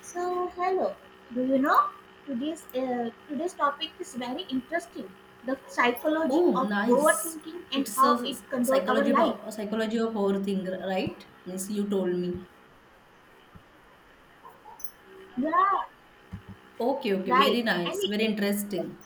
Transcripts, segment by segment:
So, hello. Do you know today's topic is very interesting. The psychology Oh, of nice. overthinking and It's a how it controls our psychology life. about psychology of overthink, right? Means you told me. Yeah, Okay, okay, very right. And nice, it- very interesting.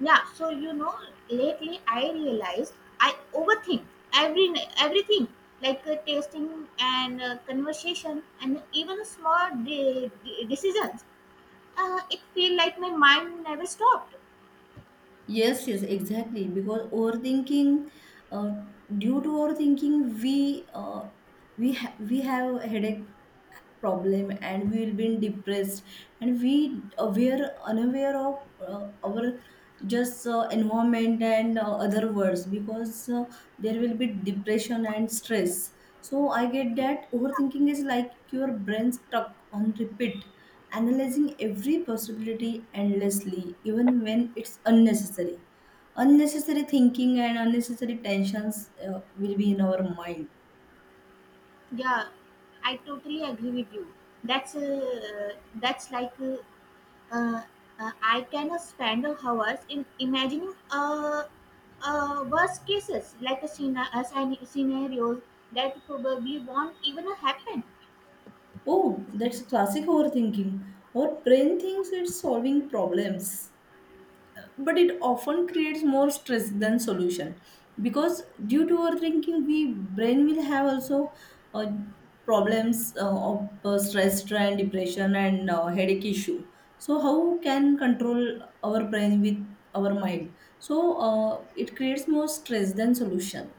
yeah, so you know, lately I realized I overthink every everything, like tasting and conversation and even small decisions. It feel like my mind never stopped. Yes, yes, exactly. Because uh, due to overthinking, we have a headache problem, and we will be depressed, and we aware unaware of our just environment and other words, because there will be depression and stress. So I get that overthinking is like your brain stuck on repeat, analyzing every possibility endlessly, even when it's unnecessary. Unnecessary thinking and unnecessary tensions will be in our mind. Yeah, I totally agree with you. That's like uh, I can spend hours in imagining worst cases like a, scena- a scen- scenarios that probably won't even happen. Oh, that's classic overthinking. Our brain thinks it's solving problems, but it often creates more stress than solution, because due to overthinking we brain will have also uh, problems of stress and depression and headache issue. So how can control our brain with our mind? So it creates more stress than solution.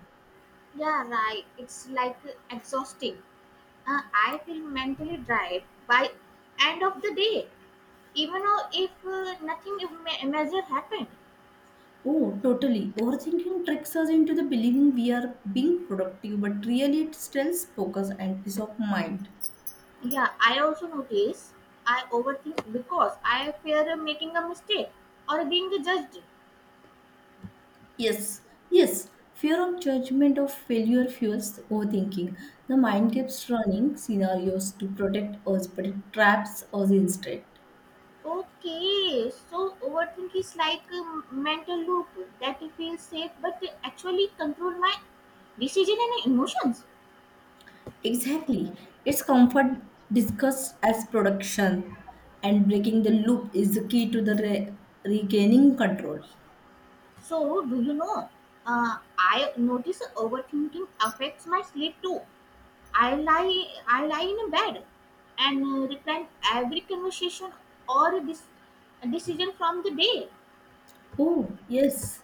Yeah, right. It's like exhausting. I feel mentally dried by end of the day, even though if nothing major happened. Oh, totally. Overthinking tricks us into the believing we are being productive, but really it still focus and peace of mind. Yeah, I also notice I overthink because I fear of making a mistake or being judged. Yes, yes. Fear of judgment of failure fuels overthinking. The Yeah. mind keeps running scenarios to protect us, but it traps us instead. Okay, so overthink is like a mental loop that feels safe but actually control my decision and emotions. Exactly. It's comfort discussed as production, and breaking the loop is the key to the regaining control. So, do you know? I notice overthinking affects my sleep too. I lie in bed and replan every conversation or this decision from the day. Oh, yes,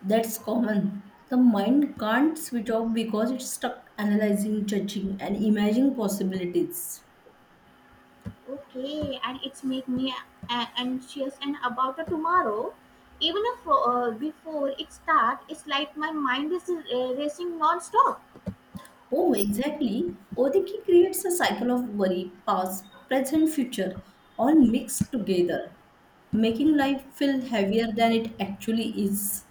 that's common. The mind can't switch off because it's stuck analyzing, judging, and imagining possibilities. Okay, and it's make me anxious and about the tomorrow. Even if, before it start, it's like my mind is racing non-stop. Oh, exactly. Odiki creates a cycle of worry, past, present, future, all mixed together, making life feel heavier than it actually is.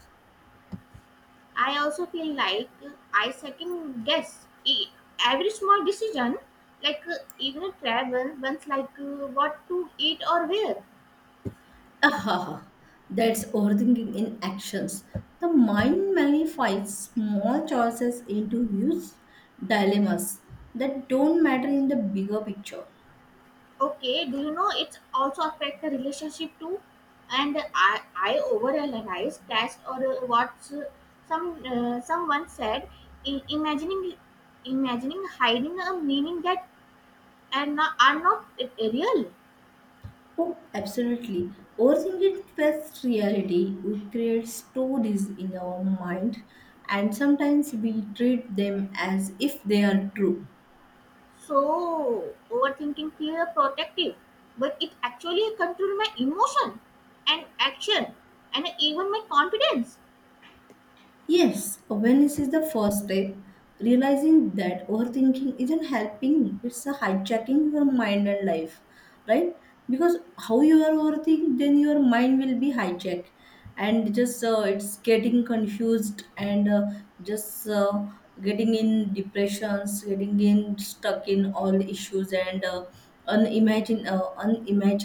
I also feel like I second guess every small decision, like even a travel, once like what to eat or where. Aha, that's overthinking in actions. The mind magnifies small choices into huge dilemmas that don't matter in the bigger picture. Okay, do you know it's also affect the relationship too? And I overanalyze that or what some someone said. I- imagining, imagining hiding a meaning that are not real. Oh, absolutely. Overthinking fits reality. We create stories in our mind, and sometimes we treat them as if they are true. So overthinking feel protective, but it actually control my emotion and action and even my confidence. Yes, awareness is the first step. Realizing that overthinking isn't helping, it's a hijacking your mind and life, right? Because how you are overthinking, then your mind will be hijacked and just it's getting confused and just getting in depressions, getting in stuck in all issues, and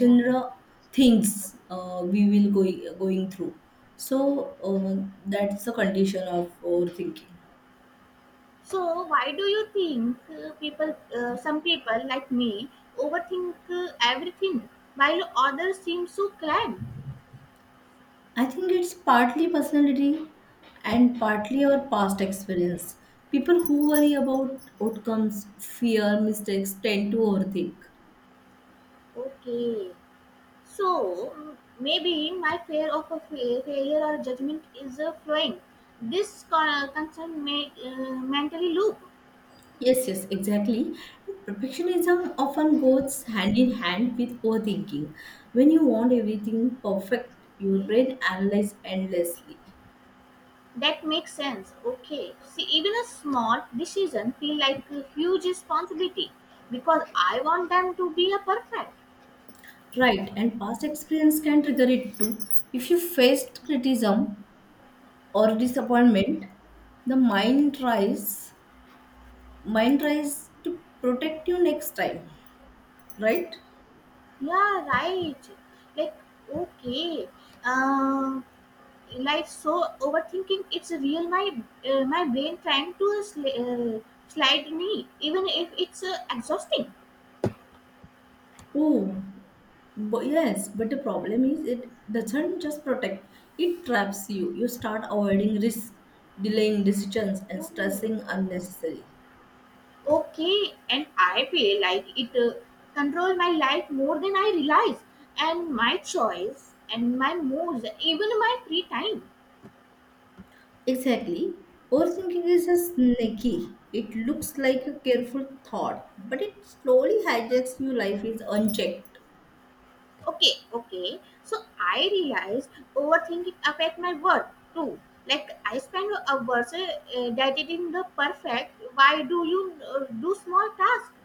Yeah. Things we will going through. So that's the condition of overthinking. So, why do you think people, some people like me, overthink everything while others seem so calm? I think it's partly personality and partly our past experience. People who worry about outcomes, fear, mistakes tend to overthink. Okay, so maybe my fear of a failure or judgment is flowing. This concern may mentally loop. Yes, yes, exactly. Perfectionism often goes hand in hand with overthinking. When you want everything perfect, your Okay, brain analyzes endlessly. That makes sense. Okay, see, even a small decision feel like a huge responsibility because I want them to be a perfect. Right, and past experience can trigger it too. If you faced criticism or disappointment, the mind tries to protect you next time, right? Yeah, right. Like, okay. Um, overthinking. It's a real my my brain trying to slide me, even if it's exhausting. Oh, but yes, but the problem is it doesn't just protect; it traps you. You start avoiding risk, delaying decisions, and Oh, stressing unnecessarily. okay. And I feel like it control my life more than I realize, and my choice, and my moods, even my free time. Exactly. Overthinking is a sneaky. It looks like a careful thought, but it slowly hijacks your life is unchecked. Okay, okay, so I realized overthinking affect my work too, like I spend hours dieting the perfect why do you do small tasks.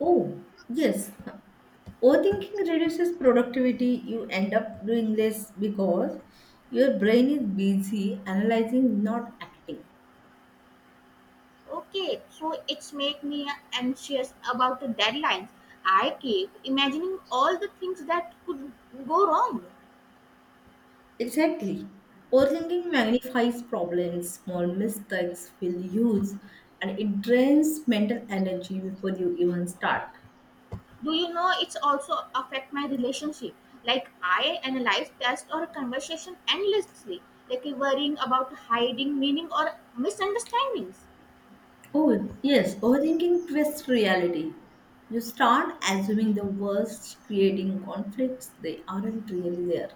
Oh, yes. Overthinking reduces productivity. You end up doing less because your brain is busy analyzing, not acting. Okay, so it's make me anxious about the deadlines. I keep imagining all the things that could go wrong. Exactly. Overthinking magnifies problems, small mistakes feel huge, and it drains mental energy before you even start. Do you know it's also affect my relationship, like I analyze test or conversation endlessly, like worrying about hiding meaning or misunderstandings. Oh, yes, overthinking twists reality. You start assuming the worst, creating conflicts they aren't really there.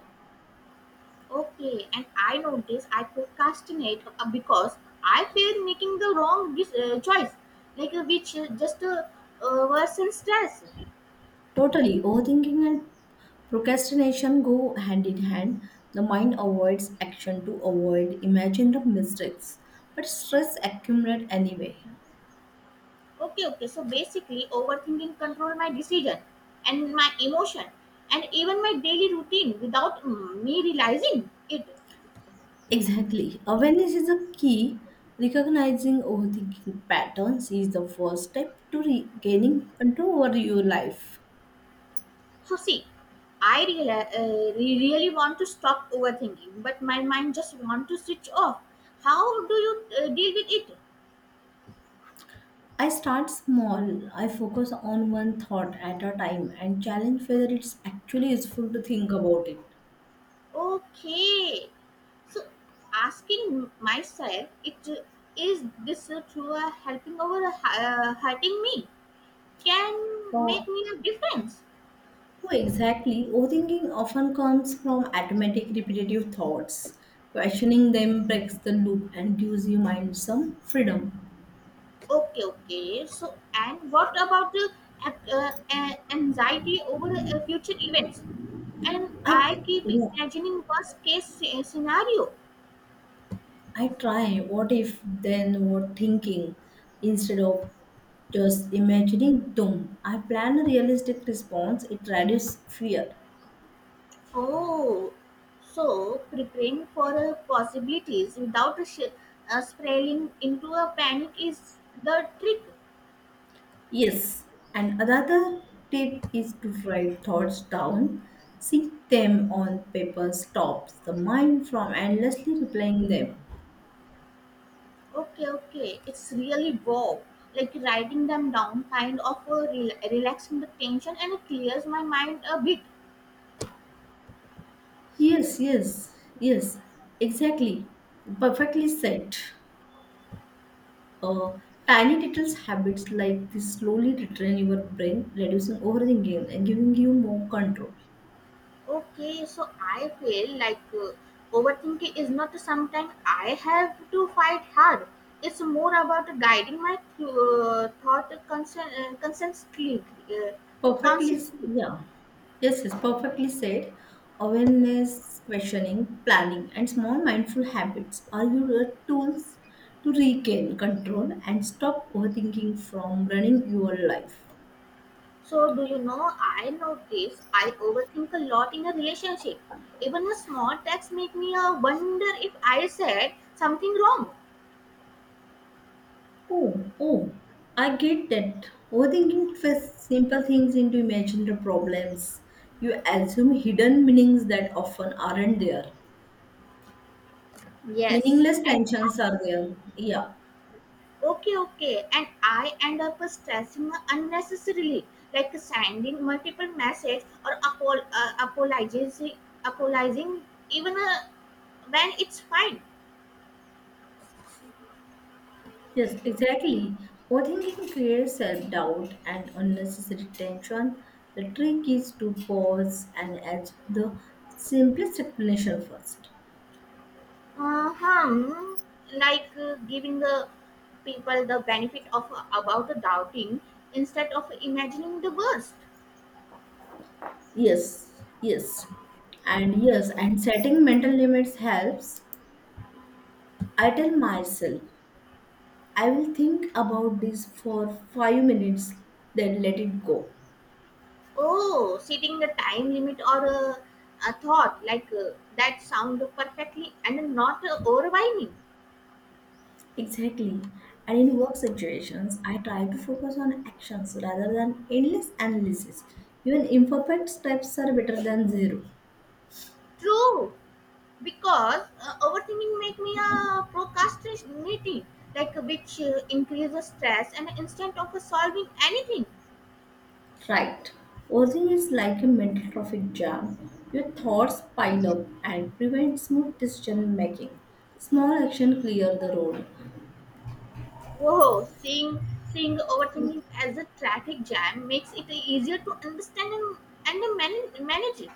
Okay, and I notice I procrastinate because I fear making the wrong choice, like which just worsens stress. Totally. Overthinking and procrastination go hand in hand. The mind avoids action to avoid imagined mistakes, but stress accumulates anyway. Okay, okay. So basically, overthinking control my decision and my emotion and even my daily routine without me realizing it. Exactly. Awareness is a key. Recognizing overthinking patterns is the first step to regaining control over your life. So see, I really want to stop overthinking, but my mind just want to switch off. How do you deal with it? I start small. I focus on one thought at a time and challenge whether it's actually useful to think about it. Okay. So, asking myself, it is this a true helping over hurting me can make So me a difference. Oh, exactly. Overthinking often comes from automatic repetitive thoughts. Questioning them breaks the loop and gives your mind some freedom. Okay, okay. So, and what about the anxiety over future events? And I, I keep yeah, imagining worst case scenario. I try what if, then what thinking, instead of just imagining doom. I plan a realistic response, it reduces fear. Oh, so preparing for possibilities without spiraling into a panic is the trick. Yes, and another tip is to write thoughts down. Seeing them on paper stops the mind from endlessly replaying them. Okay, okay, it's really wow. Like writing them down kind of relaxing the tension and it clears my mind a bit. Yes, yes, yes, exactly. Perfectly said. Uh, Tiny little habits like this slowly retrain your brain, reducing overthinking and giving you more control. Okay, so I feel like overthinking is not something I have to fight hard. It's more about guiding my thought consistently. Uh, Perfectly, consciously. yeah. Yes, yes, perfectly said. Awareness, questioning, planning, and small mindful habits are your tools to regain control and stop overthinking from running your life. So, do you know, I notice I overthink a lot in a relationship. Even a small text make me wonder if I said something wrong. Oh, oh, I get that. Overthinking twists simple things into imaginary problems. You assume hidden meanings that often aren't there. Yes, Meaningless and tensions are there. Yeah. Okay, okay, and I end up stressing unnecessarily, like sending multiple messages or apologizing even when it's fine. Yes, exactly. Overthinking creates self doubt and unnecessary tension. The trick is to pause and ask the simplest explanation first. Uh-huh. Like giving the people the benefit of about the doubting instead of imagining the worst. Yes, yes. And yes, and setting mental limits helps. I tell myself I will think about this for 5 minutes, then let it go. Oh, setting the time limit or a thought like that sound perfectly and not overwhelming. Exactly. And in work situations, I try to focus on actions rather than endless analysis. Even imperfect steps are better than zero. True, because overthinking make me a procrastinating, like which increases stress and instead of solving anything. Right. Overthinking is like a mental traffic jam. Your thoughts pile up and prevent smooth decision making. Small action clear the road. Oh, seeing overthinking as a traffic jam makes it easier to understand and manage it.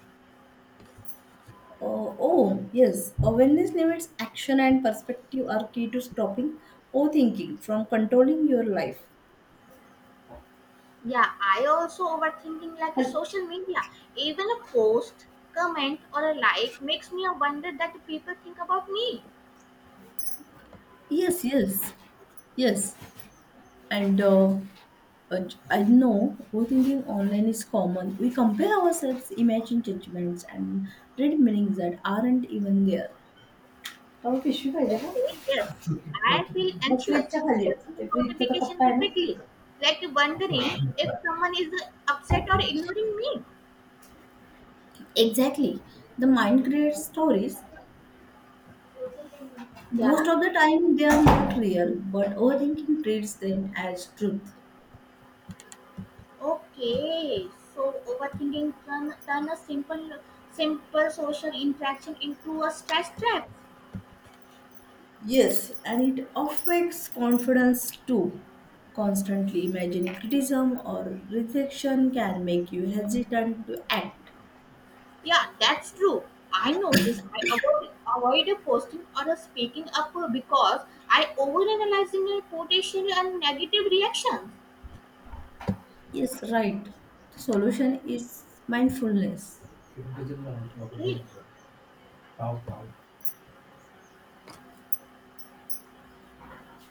Oh, yes. Awareness limits action and perspective are key to stopping overthinking from controlling your life. Yeah, I also overthinking like a And- social media. Even a post, comment, or a like makes me a wonder that people think about me. yes, yes, yes. And uh, I know overthinking online is common. We compare ourselves, imagine judgments, and read meanings that aren't even there. बाबा पिशवी पाहिजे का Okay, yes, I feel mug anxious, फ्रीजच्या खाली असते ते checking फ्रीजचा तो kappa notifications आहे ना repeatedly, तिथं like wondering if someone is upset or ignoring me. Exactly the mind create stories. Most Yeah. of the time, they are not real, but overthinking treats them as truth. Okay, so overthinking turn a simple social interaction into a stress trap. Yes, and it affects confidence too. Constantly imagining criticism or rejection can make you hesitant to act. Yeah, that's true. I notice I avoid a posting or a speaking up because I overanalyzing my potential and negative reactions. Yes, right. The solution is mindfulness. Okay.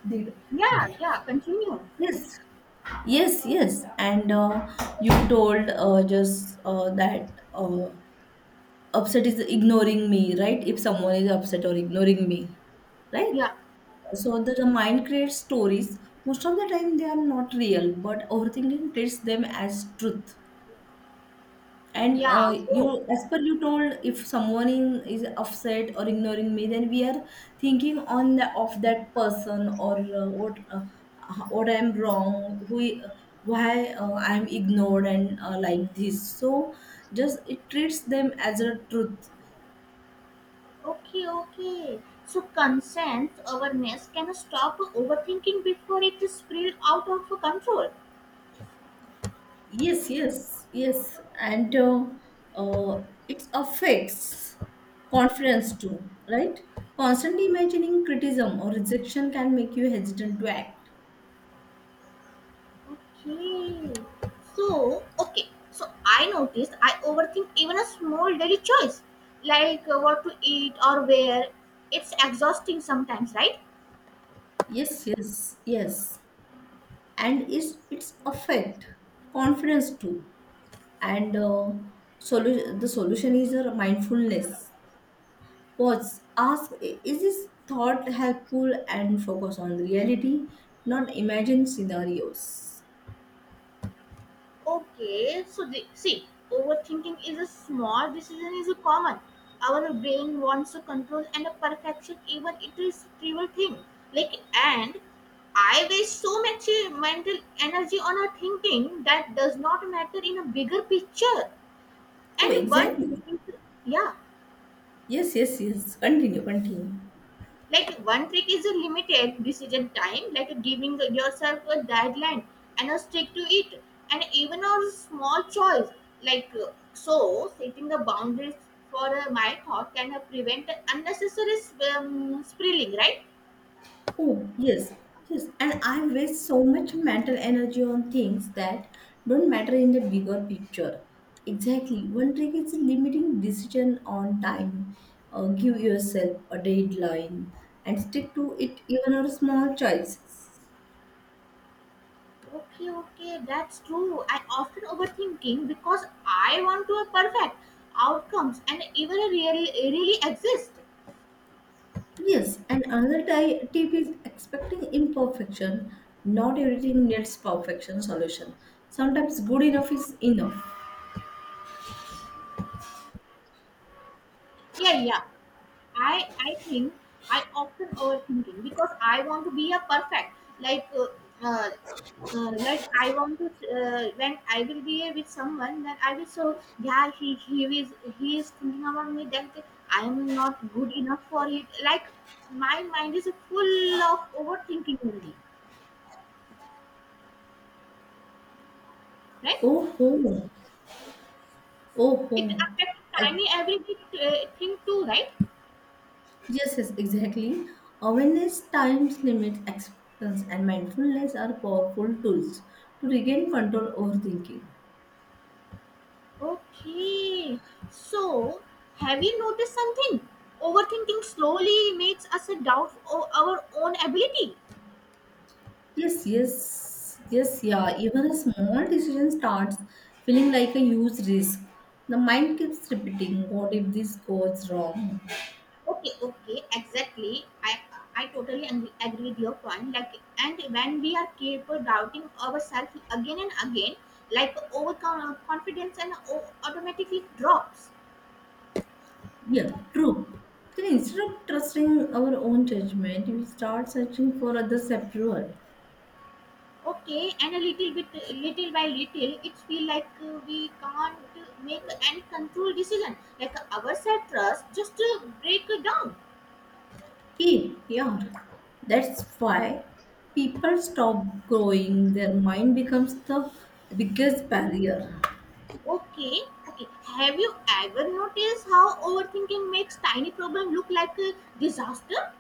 Did Yeah, yeah, continue. Yes, yes, yes. And you told just that. Upset is ignoring me, right? If someone is upset or ignoring me, right? Yeah, So the mind creates stories. Most of the time, they are not real, but overthinking treats them as truth. And yeah, you, go. as per you told, if someone is upset or ignoring me, then we are thinking on the of that person, or what I'm wrong, why I'm ignored, and like this. So just it treats them as a truth. Okay, okay. So consent awareness can stop overthinking before it is spilled out of control. Yes, yes, yes, and it affects confidence too, right? Constantly imagining criticism or rejection can make you hesitant to act. Okay. So, okay. So I noticed I overthink even a small daily choice, like what to eat or where. It's exhausting sometimes, right? Yes, yes, yes, and it's affect confidence too, and the solution is your mindfulness. Pause, ask, Is this thought helpful, and focus on reality, not imagine scenarios. Okay. So see, overthinking is a small decision is a common. Our brain wants to control and a perfection, even it is trivial thing. And I waste so much mental energy on a thinking that does not matter in a bigger picture. Oh, And one trick exactly. is, yeah, Yes, yes, yes. Continue, continue. like one trick is a limited decision time, like giving yourself a deadline and a stick to it, and even a small choice, like so setting the boundaries for my thought can prevent unnecessary spilling, right? Oh, yes, yes. And I waste so much mental energy on things that don't matter in the bigger picture. Exactly. One trick is limiting decision on time. Give yourself a deadline and stick to it even on small choices. Okay, okay, that's true. I often overthinking because I want to a perfect outcomes and even a real really exist. Yes, and another tip is expecting imperfection. Not everything needs perfection solution. Sometimes good enough is enough. Yeah, yeah. I think I often overthinking because I want to be a perfect like uh, uh, like I want to when I will be with someone then I will so yeah he is thinking about me that I am not good enough for it, like my mind is full of overthinking only, right? Oh, oh. It Oh, affects tiny Ex- everything thing too, right? yes, yes, exactly. Awareness, time limits, acceptance, and mindfulness are powerful tools to regain control over thinking. Okay. So, have you noticed something? Overthinking slowly makes us a doubt of our own ability. Yes, yes, yes, yeah. Even a small decision starts feeling like a huge risk. The mind keeps repeating, what if this goes wrong? Okay, okay, exactly. I totally agree with your point. Like, and when we are capable doubting ourselves again and again, like overconfidence and automatically drops. Yeah, true. Then instead of trusting our own judgment, we start searching for others' approval. Okay, and a little bit, little by little, it feel like we can't make any control decision. Like our self trust just break down. Yeah. That's why people stop growing. Their mind becomes the biggest barrier. Okay, okay. Have you ever noticed how overthinking makes tiny problem look like a disaster?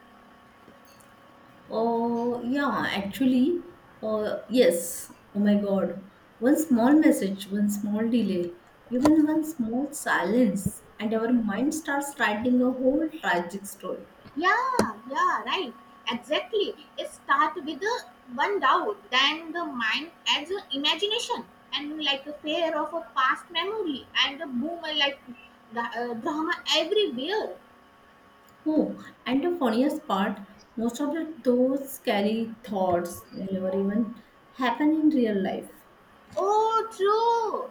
Oh, yeah, actually, yes. Oh my God. One small message, one small delay, even one small silence, and our mind starts writing a whole tragic story. Yeah, yeah, right. Exactly. It start with one doubt, then the mind adds imagination and like a fear of a past memory and a boom like drama everywhere. Oh, and the funniest part, most of those scary thoughts never even happen in real life. Oh, true.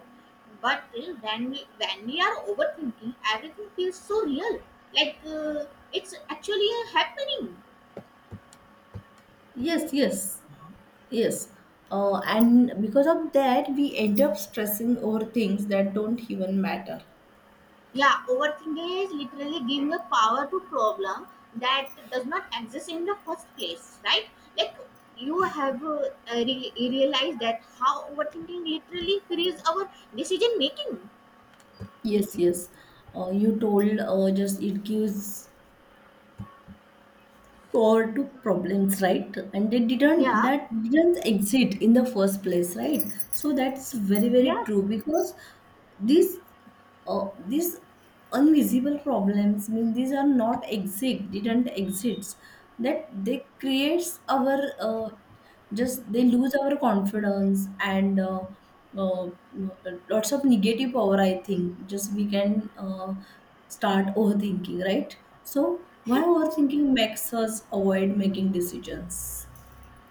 But when we are overthinking, everything feels so real. Like it's actually happening. Yes, yes. Yes. And because of that, we end up stressing over things that don't even matter. Yeah, overthinking is literally giving a power to problem that does not exist in the first place, right? Like you have realized that how overthinking literally frees our decision making. Yes, yes. You told just it gives power to problems, right? And they didn't Yeah, that didn't exist in the first place, right? So that's very very yeah. true because these these invisible problems mean these are not exist didn't exist that they creates our just they lose our confidence and uh, lots of negative power. I think just we can start overthinking, right? So why So overthinking makes us avoid making decisions?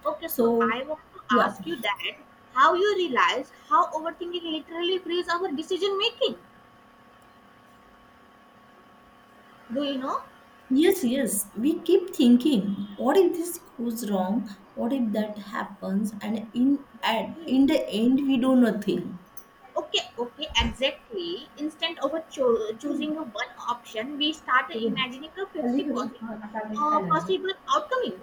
okay, so So I want to yeah. ask you that how you realize how overthinking literally frees our decision making. Do you know? Yes, yes, we keep thinking what if this goes wrong, what if that happens, and Hmm. in the end we do nothing. Okay, okay, exactly. Instead of choosing a one option, we start Okay. imagining a 50 possible, possible outcome.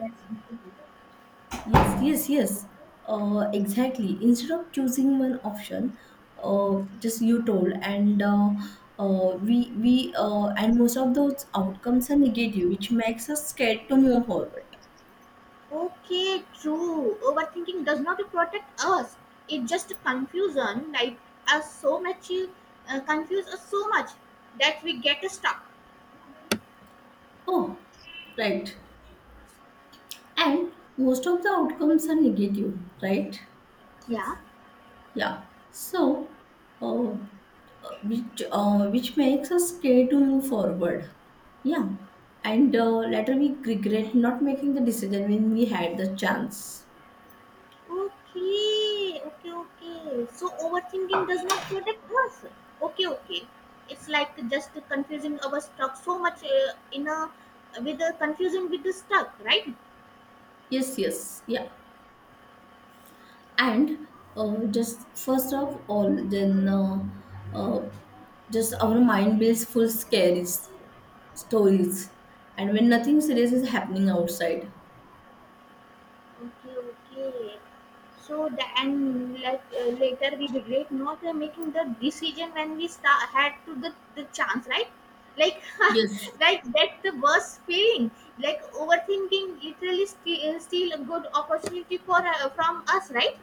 Yes, yes, yes. Exactly. Instead of choosing one option, just you told, and we and most of those outcomes are negative, which makes us scared to move forward. Okay, true. Overthinking does not protect us. It just confusion, like us so much, confuse us so much that we get stuck. Oh, right. And most of the outcomes are negative, right? Yeah. Yeah. So, uh, which makes us scared to move forward. Yeah. And later we regret not making the decision when we had the chance. Okay, okay, okay. So overthinking does not protect us. Okay, okay. It's like just confusing our stuck so much in a with the confusing with the stuck, right? Yes. Yes. Yeah. And just first of all, then uh, just our mind builds full scary stories, and when nothing serious is happening outside. Okay, okay. So the and like later we regret not making the decision when we start had to the chance, right? Like Yes. like that's the worst feeling. Like overthinking literally steal a good opportunity for from us, right?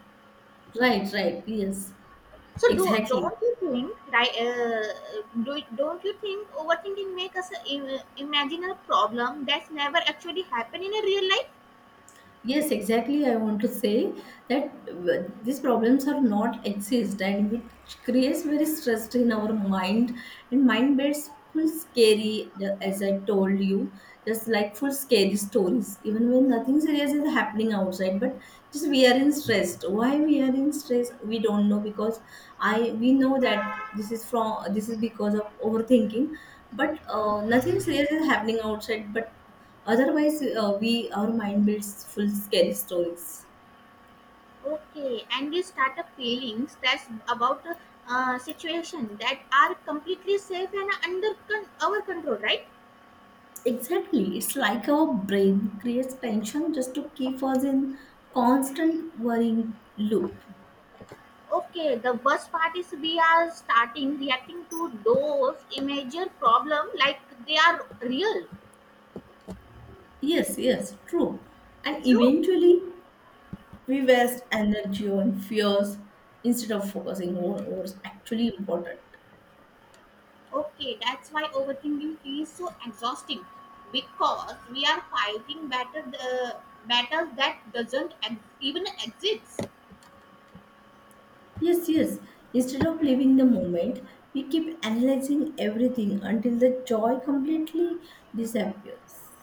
Right. Right. Yes. So do Exactly. don't you think, right? Do don't you think overthinking make us imagine a problem that's never actually happened in a real life? Yes, exactly. I want to say that these problems are not exist, and it creates very stress in our mind. And mind beds full scary as I told you, just like full scary stories even when nothing serious is happening outside, but just we are in stress. Why we are in stress we don't know, because I we know that this is because of overthinking. But nothing serious is happening outside. But otherwise, we our mind builds full scary stories. Okay, and we start up feelings that's about a situation that are completely safe and under our control, right? Exactly, it's like our brain creates tension just to keep us in constant worrying loop. Okay, the worst part is we are starting reacting to those major problem like they are real, Yes, yes, true. And true. eventually, we waste energy on fears instead of focusing on what's actually important. Okay, that's why overthinking feels so exhausting because we are fighting better the battles that doesn't even exist. Yes, yes. Instead of living the moment, we keep analyzing everything until the joy completely disappears.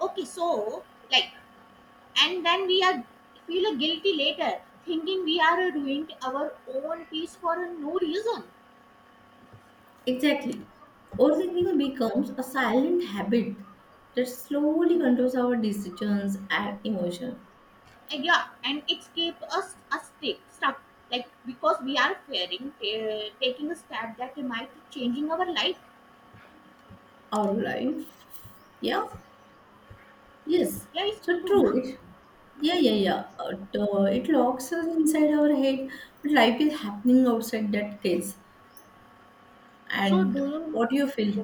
Okay, so like, and then we are feel guilty later, thinking we are ruined our own peace for no reason. Exactly. Overthinking becomes a silent habit that slowly controls our decisions and emotion, And yeah, and it keeps us stick stuck like because we are fearing taking a step that might changing our life. our life. Yeah. Yes. Yeah, it's So true, na? true. It. Yeah, yeah, yeah. It locks us inside our head, but life is happening outside that case. So And do you? what do you feel?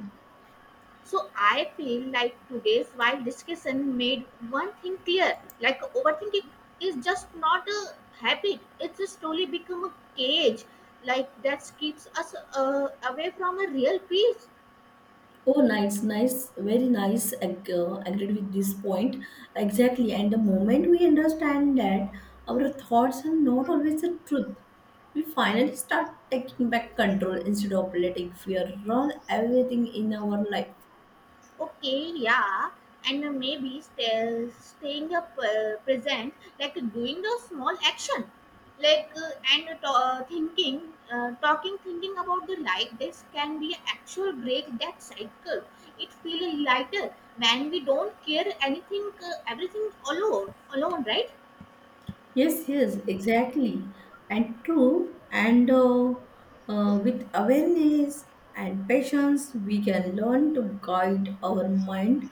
So I feel like today's wild discussion made one thing clear: like overthinking is just not a habit; it's just slowly become a cage, like that keeps us away from a real peace. Oh, nice, nice, very nice. Agreed with this point. Exactly. And the moment we understand that our thoughts are not always the truth, we finally start taking back control instead of letting fear run everything in our life. Okay, yeah, and maybe staying up present, like doing a small action like thinking, talking, thinking about the life, this can be actual break that cycle. It feels lighter when we don't care anything, everything alone, right? Yes, yes, exactly. And true. And with awareness and patience, we can learn to guide our mind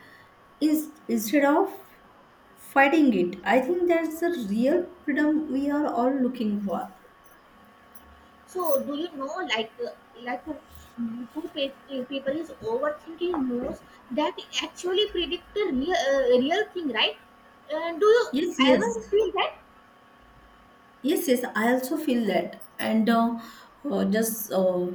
is, instead of fighting it. I think that's the real freedom we are all looking for. So, do you know, like who pe- people is overthinking most that actually predict the real, real thing, right? Do you Yes, ever yes. feel that? Yes, yes, I also feel that. And just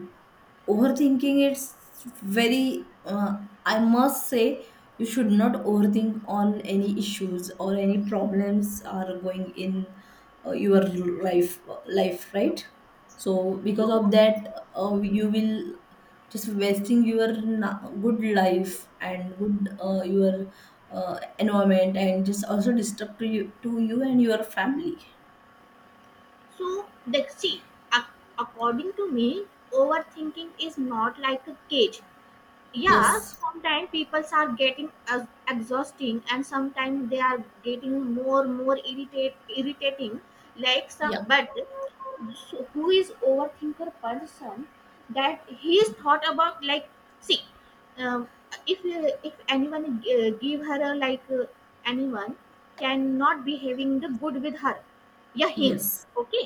overthinking, it's very, I must say, you should not overthink on any issues or any problems are going in your life, life, right? So So, because of that, you will just wasting your good life and good your environment, and just also disturb to you and your family. so the see, ac- according to me, overthinking is not like a cage. Yeah, Yes. sometimes people are getting as exhausting and sometimes they are getting more irritate irritating, like Yeah. some. But so who is overthinker person that he's thought about, like, see, um, if anyone give her a, like, anyone cannot be having the good with her, yeah, him. Yes. Okay,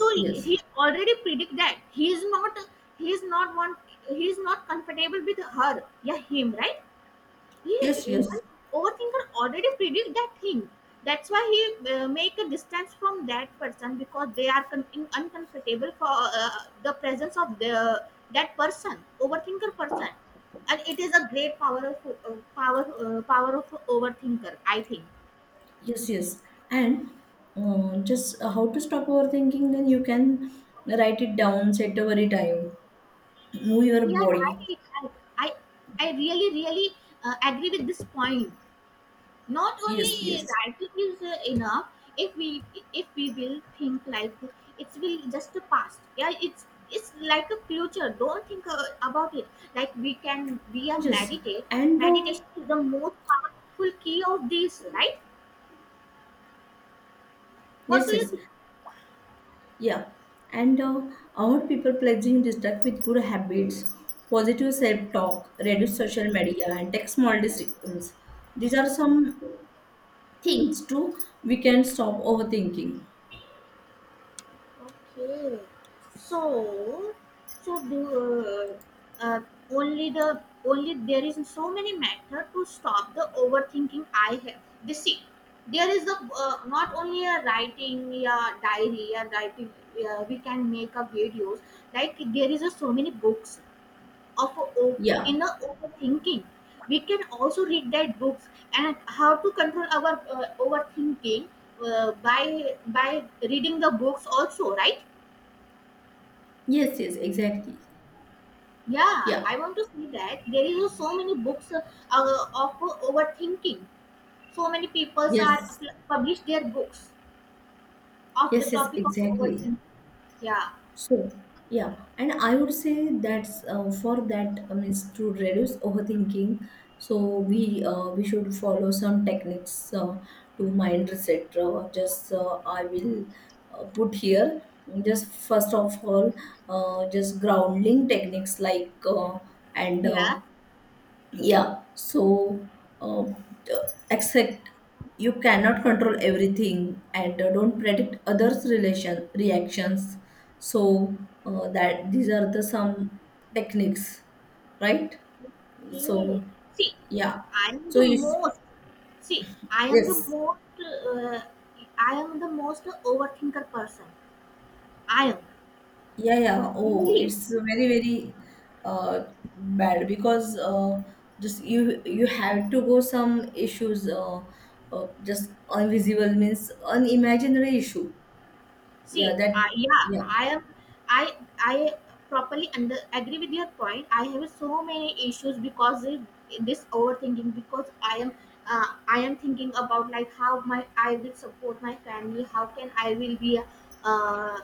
so Yes. he already predict that he is not, he is not want, he is not comfortable with her, yeah, him, right? He Yes. even Yes. overthinker already predict that thing. That's why he make a distance from that person, because they are uncomfortable for the presence of the that person overthinker person. And it is a great power of power of overthinker, I think. Yes, yes. And just how to stop overthinking, then you can write it down, set over a time, move your Yeah, body. I, I really agree with this point. Not Yes. only Yes. that, it is enough. If we, if we will think like it will just a past. Yeah, it's like a future. Don't think about it. Like we are Yes. meditate. And Meditation is the most powerful key of this, right? What yes, do you yes. think? Yeah. And our people pledging distract with good habits, positive self talk, reduce social media, and take small decisions. These are some things too we can stop overthinking. Okay. So, so do uh, only the only there is so many method to stop the overthinking I have. They see, there is the not only a writing, yeah, diary, yeah, writing. Yeah, we can make a videos. Like there is a so many books of Yeah. in a overthinking. We can also read that books and how to control our overthinking by reading the books also, right? Yes, yes, exactly. Yeah, Yeah. I want to see that. There is so many books of overthinking. So many people are Yes. publish their books of the Yes, yes, topic of exactly. overthinking. Yeah, So, yeah. And I would say that's for that, I mean, to reduce overthinking. So we should follow some techniques to mind reset. Just I will put here. Just first of all, just grounding techniques like and yeah. yeah. So uh, except you cannot control everything, and don't predict others' relation reactions. So that these are the some techniques, right? Hey, So see, yeah, I am so the it's most. See, I am the yes, most. I am the most overthinker person. I am yeah, yeah. Oh, really. it's very very bad, because just you have to go some issues just invisible means unimaginary issue. Yeah, See, I, that, yeah, yeah, I am. I I properly under agree with your point. I have so many issues because of this overthinking. Because I am thinking about like how my I will support my family. How can I will be, uh,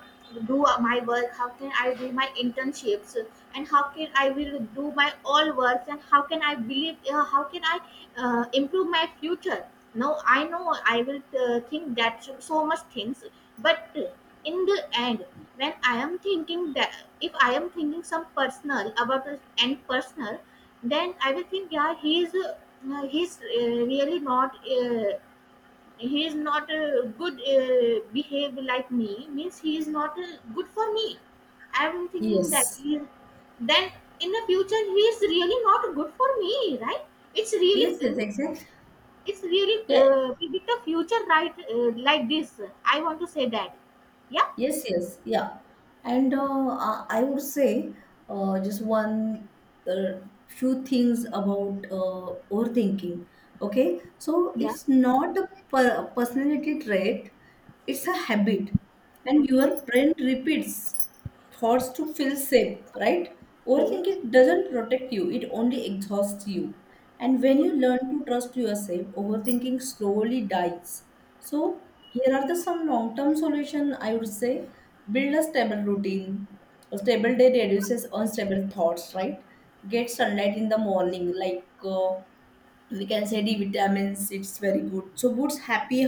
do my work. How can I do my internships, and how can I will do my all works, and how can I believe, how can I improve my future. No, I know I will think that so much things, but in the end, when I am thinking that, if I am thinking some personal about this and personal, then I will think, yeah, he is, he's really not, he is not good behave like me, means he is not good for me. I am thinking that yes. he, then in the future he is really not good for me, right? It's really, Yes, yes, exactly. it's really Yeah, predict the future, right? Like this I want to say that. Yeah, yes, yes, yeah. And I would say just one uh, few things about overthinking. Okay, so yeah. it's not a personality trait, it's a habit, and your Okay, brain repeats thoughts to feel safe, right? okay, Overthinking doesn't protect you, it only exhausts you. And when you learn to trust yourself, overthinking slowly dies. So, here are the some long term solution I would say: build a stable routine. A stable day reduces unstable thoughts, right? Get sunlight in the morning, like we can say D vitamins. It's very good. So boots happy,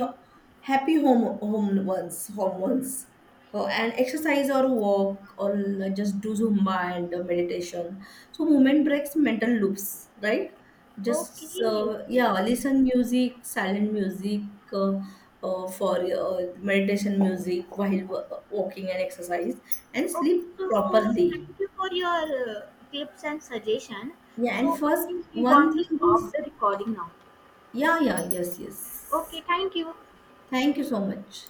happy home home once home once. Oh, and exercise or walk, or like just do zumba and meditation. So movement breaks mental loops, right? Just okay, yeah, listen music, silent music uh, for meditation music while walking and exercise, and okay. sleep So thank properly. you for your tips and suggestion. Yeah, and So I first think we one want to thing stop is the recording now. yeah, yeah, yes, yes. Okay, thank you. Thank you so much.